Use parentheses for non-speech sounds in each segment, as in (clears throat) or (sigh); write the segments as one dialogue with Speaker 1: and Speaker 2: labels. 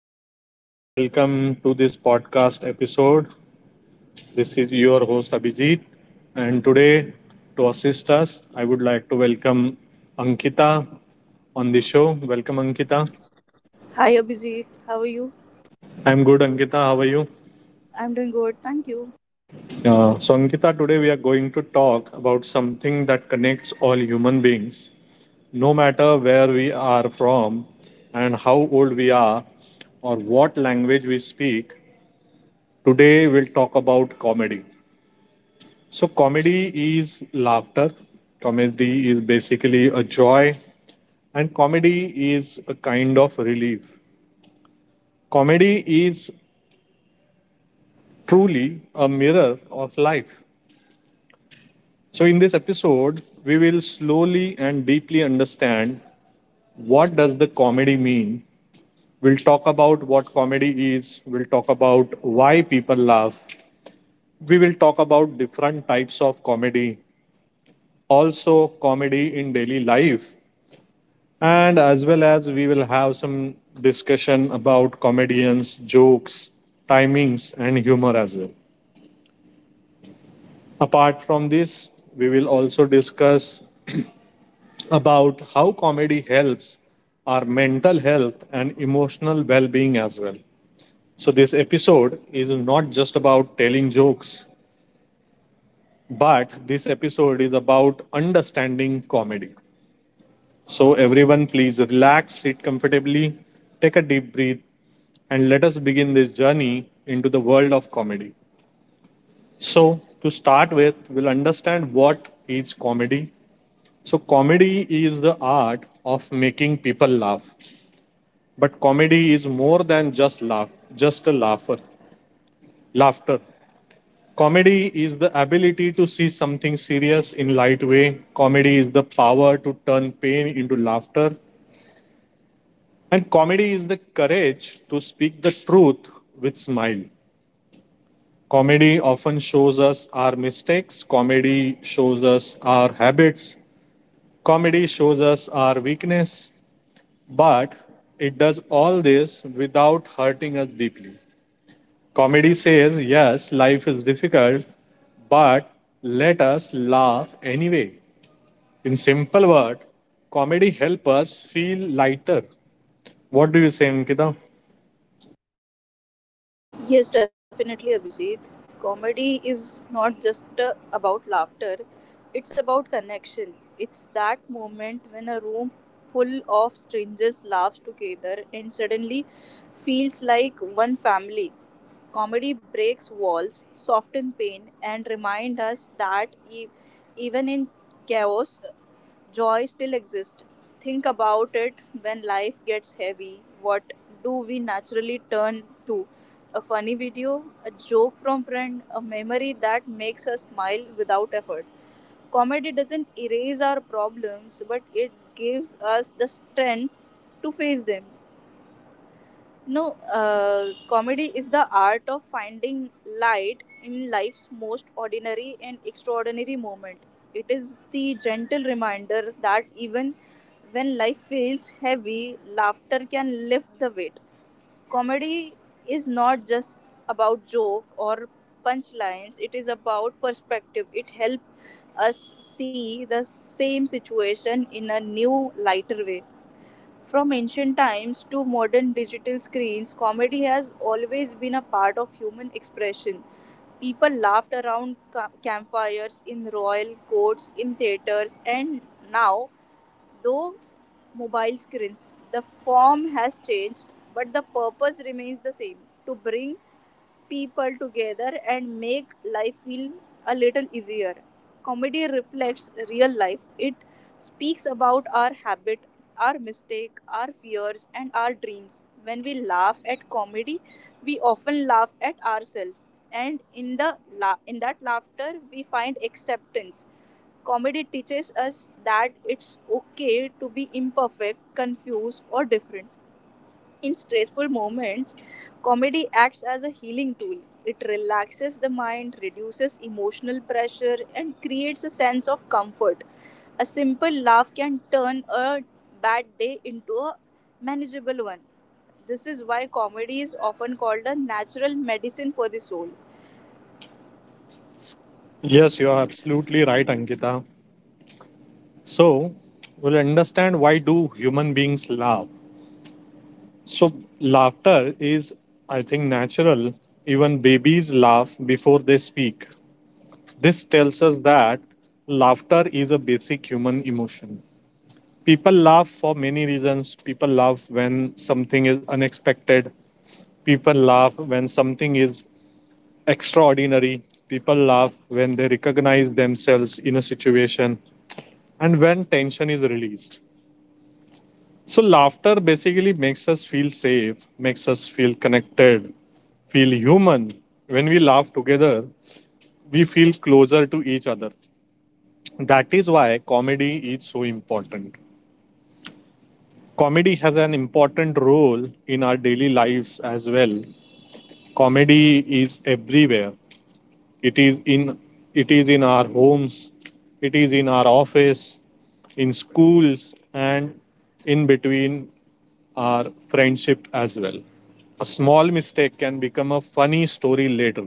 Speaker 1: everyone. Welcome to this podcast episode. This is your host Abhijit, and today, to assist us, I would like to welcome Ankita on the show. Welcome, Ankita.
Speaker 2: Hi Abhijit, how are you?
Speaker 1: I'm good, Ankita. How are you?
Speaker 2: I'm doing good, thank you.
Speaker 1: Ankita, today we are going to talk about something that connects all human beings, no matter where we are from and how old we are or what language we speak. Today, we'll talk about comedy. So, comedy is laughter. Comedy is basically a joy, and comedy is a kind of relief. Comedy is truly a mirror of life. So, in this episode, we will slowly and deeply understand what does the comedy mean. We'll talk about what comedy is. We'll talk about why people laugh. We will talk about different types of comedy. Also, comedy in daily life. And as well as we will have some discussion about comedians, jokes, timings, and humor as well. Apart from this, we will also discuss about how comedy helps our mental health and emotional well being as well. So, this episode is not just about telling jokes, but this episode is about understanding comedy. So, everyone, please relax, sit comfortably, take a deep breath, and let us begin this journey into the world of comedy. So, to start with, we'll understand what is comedy. So, comedy is the art of making people laugh. But comedy is more than just laugh, just a laugher, laughter. Comedy is the ability to see something serious in light way. Comedy is the power to turn pain into laughter. And comedy is the courage to speak the truth with smile. Comedy often shows us our mistakes, comedy shows us our habits, comedy shows us our weakness, but it does all this without hurting us deeply. Comedy says, yes, life is difficult, but let us laugh anyway. In simple word, comedy helps us feel lighter. What do you say, Ankita?
Speaker 2: Yes, definitely Abhijit. Comedy is not just about laughter, it's about connection. It's that moment when a room full of strangers laughs together and suddenly feels like one family. Comedy breaks walls, softens pain, and reminds us that even in chaos, joy still exists. Think about it when life gets heavy. What do we naturally turn to? A funny video, a joke from friend, a memory that makes us smile without effort. Comedy doesn't erase our problems, but it gives us the strength to face them. No, Comedy is the art of finding light in life's most ordinary and extraordinary moment. It is the gentle reminder that even when life feels heavy, laughter can lift the weight. Comedy is not just about joke or punchlines, it is about perspective. It helps us see the same situation in a new, lighter way. From ancient times to modern digital screens, comedy has always been a part of human expression. People laughed around campfires, in royal courts, in theaters, and now, though mobile screens, the form has changed, but the purpose remains the same to bring people together and make life feel a little easier. Comedy reflects real life. It speaks about our habit, our mistake, our fears, and our dreams. When we laugh at comedy, we often laugh at ourselves, and in in that laughter, we find acceptance. Comedy teaches us that it's okay to be imperfect, confused, or different. In stressful moments, comedy acts as a healing tool. It relaxes the mind, reduces emotional pressure, and creates a sense of comfort. A simple laugh can turn a bad day into a manageable one. This is why comedy is often called a natural medicine for the soul.
Speaker 1: Yes, you are absolutely right, Ankita. So, we'll understand why do human beings laugh. So, laughter is, I think, natural. Even babies laugh before they speak. This tells us that laughter is a basic human emotion. People laugh for many reasons. People laugh when something is unexpected. People laugh when something is extraordinary. People laugh when they recognize themselves in a situation and when tension is released. So, laughter basically makes us feel safe, makes us feel connected, feel human. When we laugh together, we feel closer to each other. That is why comedy is so important. Comedy has an important role in our daily lives as well. Comedy is everywhere. it is in it is in our homes, it is in our office, in schools, and in between our friendship as well. A small mistake can become a funny story later.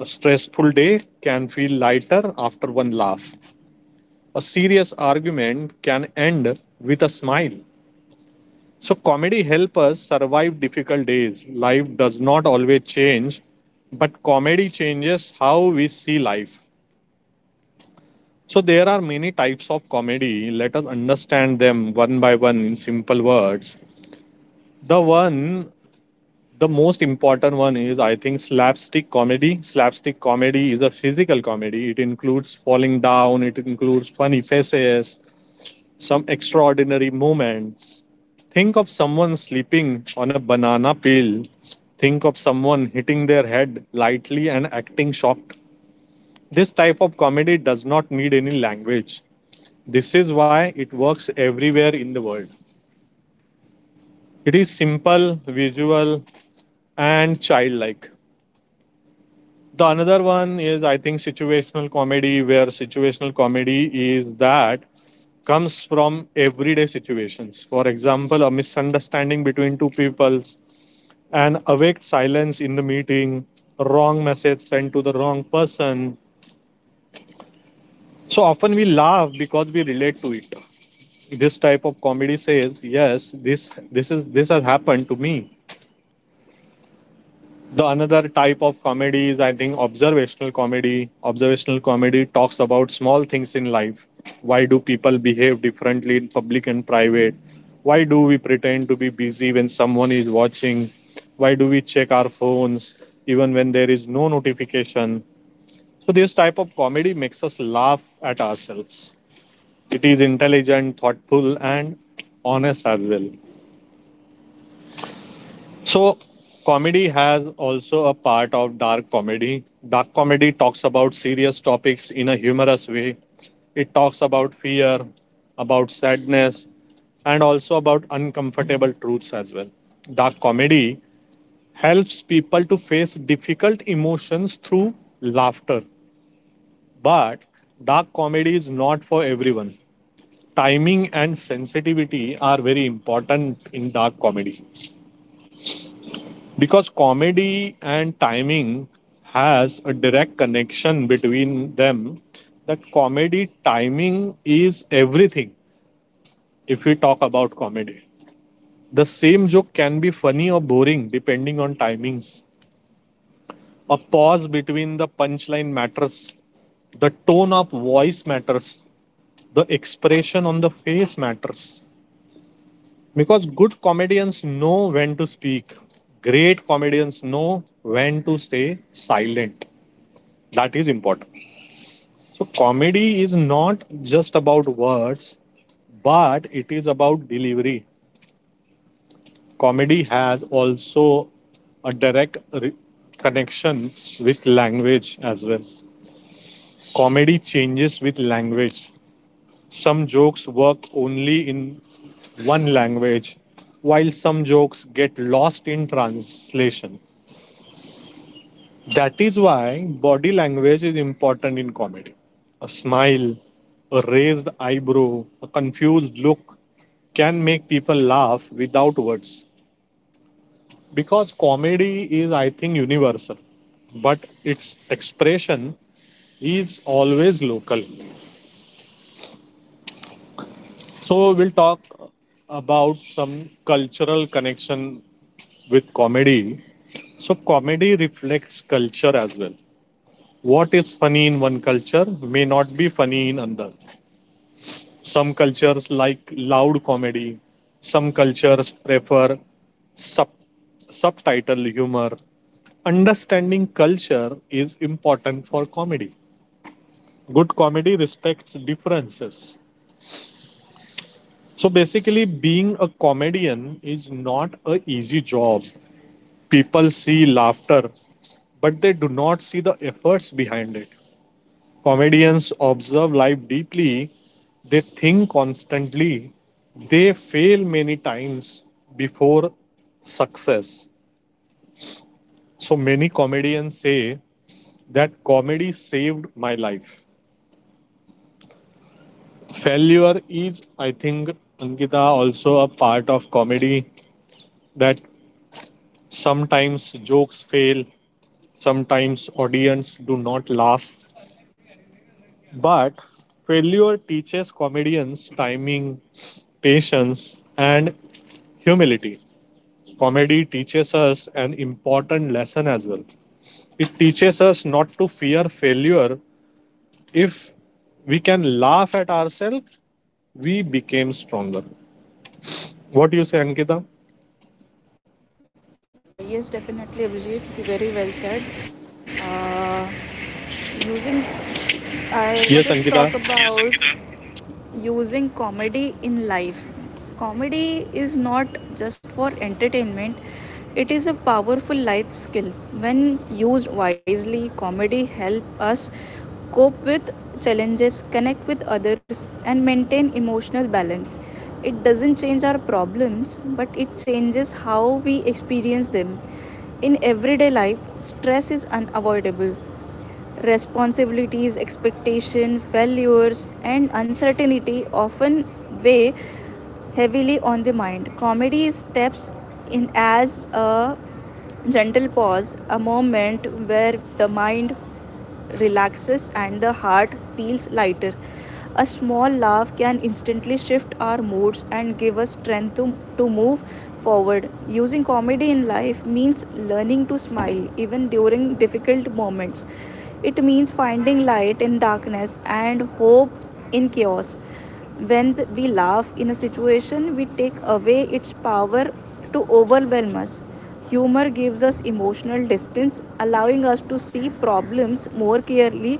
Speaker 1: A stressful day can feel lighter after one laugh. A serious argument can end with a smile. So comedy helps us survive difficult days. Life does not always change, but comedy changes how we see life. So there are many types of comedy. Let us understand them one by one in simple words. The one the most important one is, I think, slapstick comedy. Slapstick comedy is a physical comedy. It includes falling down, it includes funny faces, some extraordinary moments. Think of someone sleeping on a banana peel. Think of someone hitting their head lightly and acting shocked. This type of comedy does not need any language. This is why it works everywhere in the world. It is simple, visual, and childlike. The another one is, I think, situational comedy, where situational comedy is that comes from everyday situations. For example, a misunderstanding between two peoples, an awake silence in the meeting, wrong message sent to the wrong person. So often we laugh because we relate to it. This type of comedy says, yes, this has happened to me. The another type of comedy is, I think, observational comedy. Observational comedy talks about small things in life. Why do people behave differently in public and private? Why do we pretend to be busy when someone is watching? Why do we check our phones even when there is no notification? So this type of comedy makes us laugh at ourselves. It is intelligent, thoughtful, and honest as well. So, comedy has also a part of dark comedy. Dark comedy talks about serious topics in a humorous way. It talks about fear, about sadness, and also about uncomfortable truths as well. Dark comedy helps people to face difficult emotions through laughter. But dark comedy is not for everyone. Timing and sensitivity are very important in dark comedy. Because comedy and timing has a direct connection between them, that comedy timing is everything. If we talk about comedy, the same joke can be funny or boring depending on timings. A pause between the punchline matters. The tone of voice matters. The expression on the face matters. Because good comedians know when to speak, great comedians know when to stay silent. That is important. So comedy is not just about words, but it is about delivery. Comedy has also a direct connection with language as well. Comedy changes with language. Some jokes work only in one language, while some jokes get lost in translation. That is why body language is important in comedy. A smile, a raised eyebrow, a confused look can make people laugh without words. Because comedy is, I think, universal, but its expression is always local. So, we'll talk about some cultural connection with comedy. So, comedy reflects culture as well. What is funny in one culture may not be funny in another. Some cultures like loud comedy. Some cultures prefer sub- subtitle humor. Understanding culture is important for comedy. Good comedy respects differences. So basically, being a comedian is not a easy job. People see laughter, but they do not see the efforts behind it. Comedians observe life deeply, they think constantly, they fail many times before success. So many comedians say that comedy saved my life. Failure is, I think, Ankita, also a part of comedy, that sometimes jokes fail, sometimes audience do not laugh, but failure teaches comedians timing, patience, and humility. Comedy teaches us an important lesson as well. It teaches us not to fear failure. If we can laugh at ourselves, we became stronger. What do you say, Ankita?
Speaker 2: Yes, definitely, Abhijit. He very well said. Uh, using,
Speaker 1: Yes, Ankita.
Speaker 2: I wanted to talk about using comedy in life. Comedy is not just for entertainment, it is a powerful life skill. When used wisely, comedy helps us cope with challenges, connect with others and maintain emotional balance. It doesn't change our problems, but it changes how we experience them. In everyday life, stress is unavoidable. Responsibilities, expectation, failures, and uncertainty often weigh heavily on the mind. Comedy steps in as a gentle pause, a moment where the mind relaxes and the heart feels lighter. A small laugh can instantly shift our moods and give us strength to move forward. Using comedy in life means learning to smile even during difficult moments. It means finding light in darkness and hope in chaos. When we laugh in a situation, we take away its power to overwhelm us. Humor gives us emotional distance, allowing us to see problems more clearly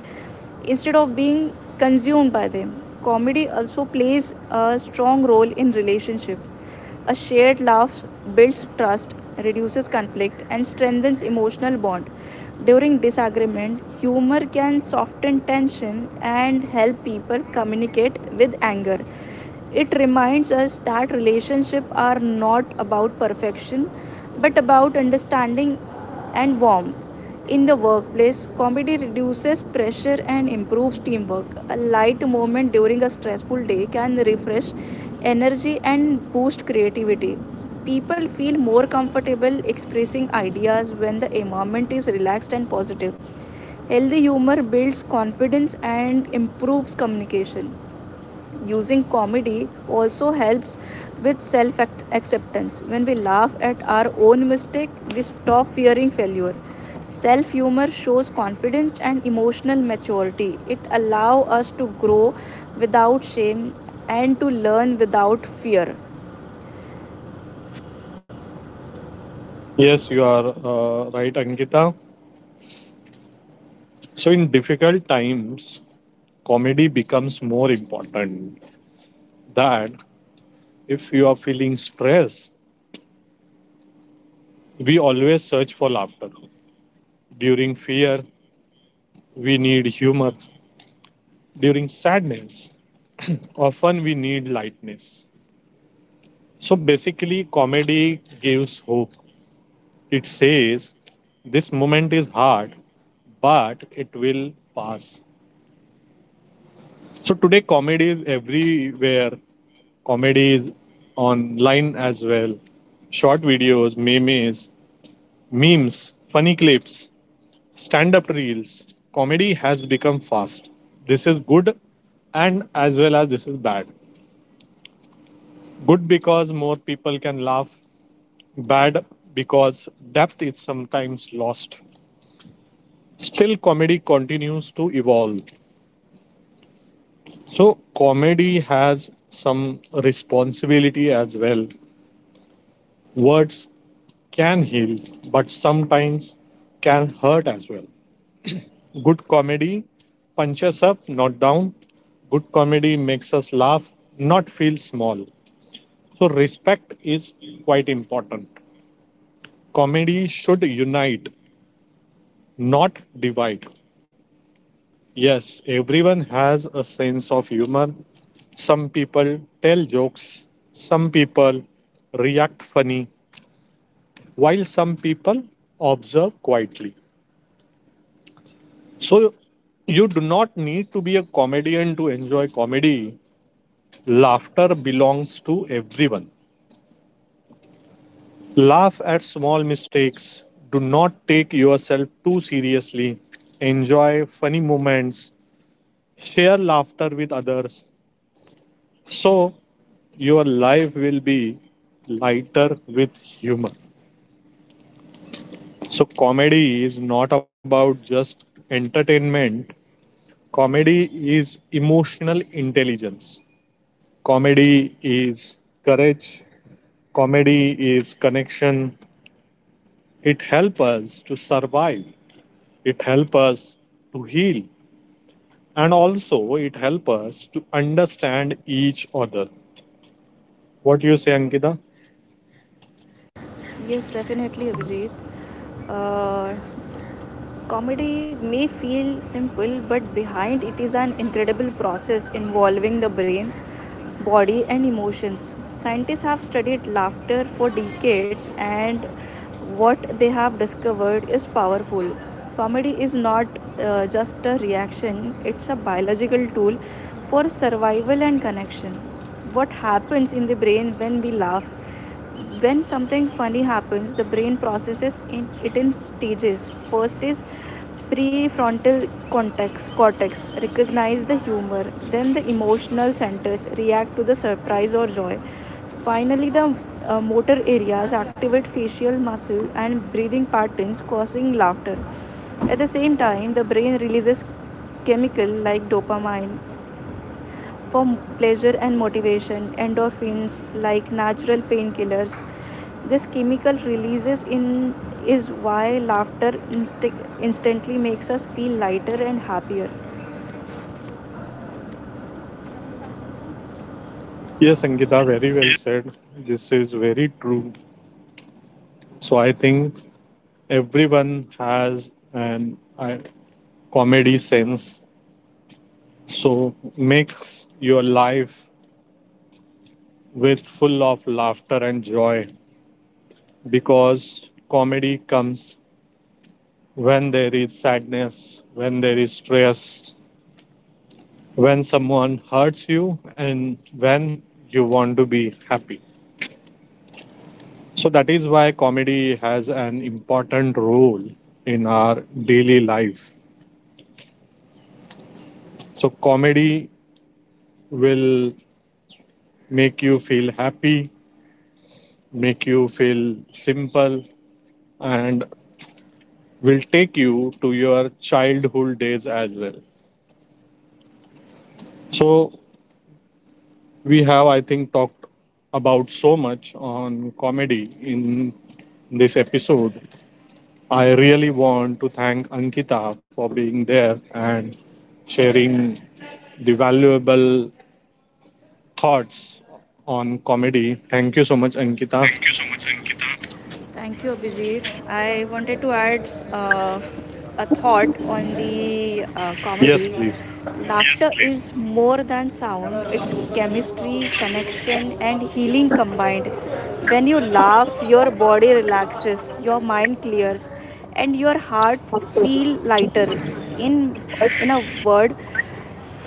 Speaker 2: instead of being consumed by them. Comedy also plays a strong role in relationship. A shared laugh builds trust, reduces conflict, and strengthens emotional bond. During disagreement, humor can soften tension and help people communicate with anger. It reminds us that relationships are not about perfection but about understanding and warmth. In the workplace, comedy reduces pressure and improves teamwork. A light moment during a stressful day can refresh energy and boost creativity. People feel more comfortable expressing ideas when the environment is relaxed and positive. Healthy humor builds confidence and improves communication using comedy also helps with self acceptance. When we laugh at our own mistake, we stop fearing failure. Self humor shows confidence and emotional maturity. It allows us to grow without shame and to learn without fear.
Speaker 1: Yes, you are right, Ankita. So, in difficult times, comedy becomes more important. That if you are feeling stress, we always search for laughter. During fear, we need humor. During sadness, (clears throat) often we need lightness. So basically, comedy gives hope. It says, this moment is hard, but it will pass. So today, comedy is everywhere. Comedy is online as well. Short videos, memes, funny clips, stand up reels. Comedy has become fast. This is good and as well as this is bad. Good because more people can laugh, bad because depth is sometimes lost. Still, comedy continues to evolve. So, comedy has some responsibility as well. Words can heal, but sometimes can hurt as well. Good comedy punches up, not down. Good comedy makes us laugh, not feel small. So, respect is quite important. Comedy should unite, not divide. Yes, everyone has a sense of humor. Some people tell jokes, some people react funny, while some people observe quietly. So, you do not need to be a comedian to enjoy comedy. Laughter belongs to everyone. Laugh at small mistakes. Do not take yourself too seriously. Enjoy funny moments. Share laughter with others. So, your life will be lighter with humor. So, comedy is not about just entertainment, comedy is emotional intelligence, comedy is courage, comedy is connection. It helps us to survive, it helps us to heal, and also it helps us to understand each other. What do you say, Angita?
Speaker 2: Yes, definitely, Abhijit. uh, Comedy may feel simple, but behind it is an incredible process involving the brain, body, and emotions. Scientists have studied laughter for decades, and what they have discovered is powerful. Comedy is not just a reaction, it's a biological tool for survival and connection. What happens in the brain when we laugh? When something funny happens, the brain processes it in stages. First is prefrontal cortex recognize the humor, then the emotional centers react to the surprise or joy. Finally, the motor areas activate facial muscle and breathing patterns, causing laughter. At the same time, the brain releases chemical like dopamine for pleasure and motivation, endorphins like natural painkillers, this chemical releases in is why laughter insti- instantly makes us feel lighter and happier.
Speaker 1: Yes, Angita, very well said. This is very true. So I think everyone has an comedy sense. So makes your life with full of laughter and joy, because comedy comes when there is sadness, when there is stress, when someone hurts you and when you want to be happy. So that is why comedy has an important role in our daily life. So comedy will make you feel happy, make you feel simple, and will take you to your childhood days as well. So we have, I think, talked about so much on comedy in this episode. I really want to thank Ankita for being there and sharing the valuable thoughts on comedy. Thank you so much, Ankita.
Speaker 2: Thank you, Abhijit. I wanted to add uh, a thought on the
Speaker 1: Yes,
Speaker 2: comedy. Laughter please. Is more than sound, it's chemistry, connection, and healing combined. When you laugh, your body relaxes, your mind clears, and your heart feels lighter. In in a word,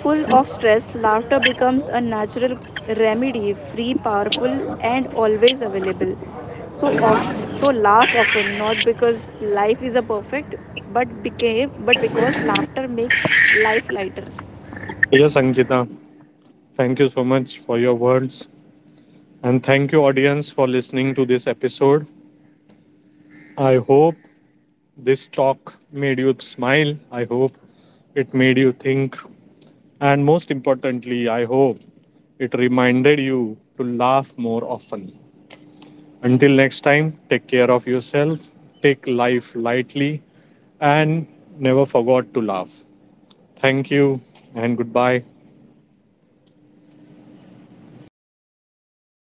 Speaker 2: full of stress, laughter becomes a natural remedy, free, powerful, and always available. So of so laugh often, not because life is a perfect, but because laughter makes life lighter.
Speaker 1: yes, Ankita. Thank you so much for your words. And thank you, audience, for listening to this episode. I hope this talk made you smile. I hope it made you think. And most importantly, I hope it reminded you to laugh more often. Until next time, take care of yourself, take life lightly, and never forget to laugh. Thank you and goodbye.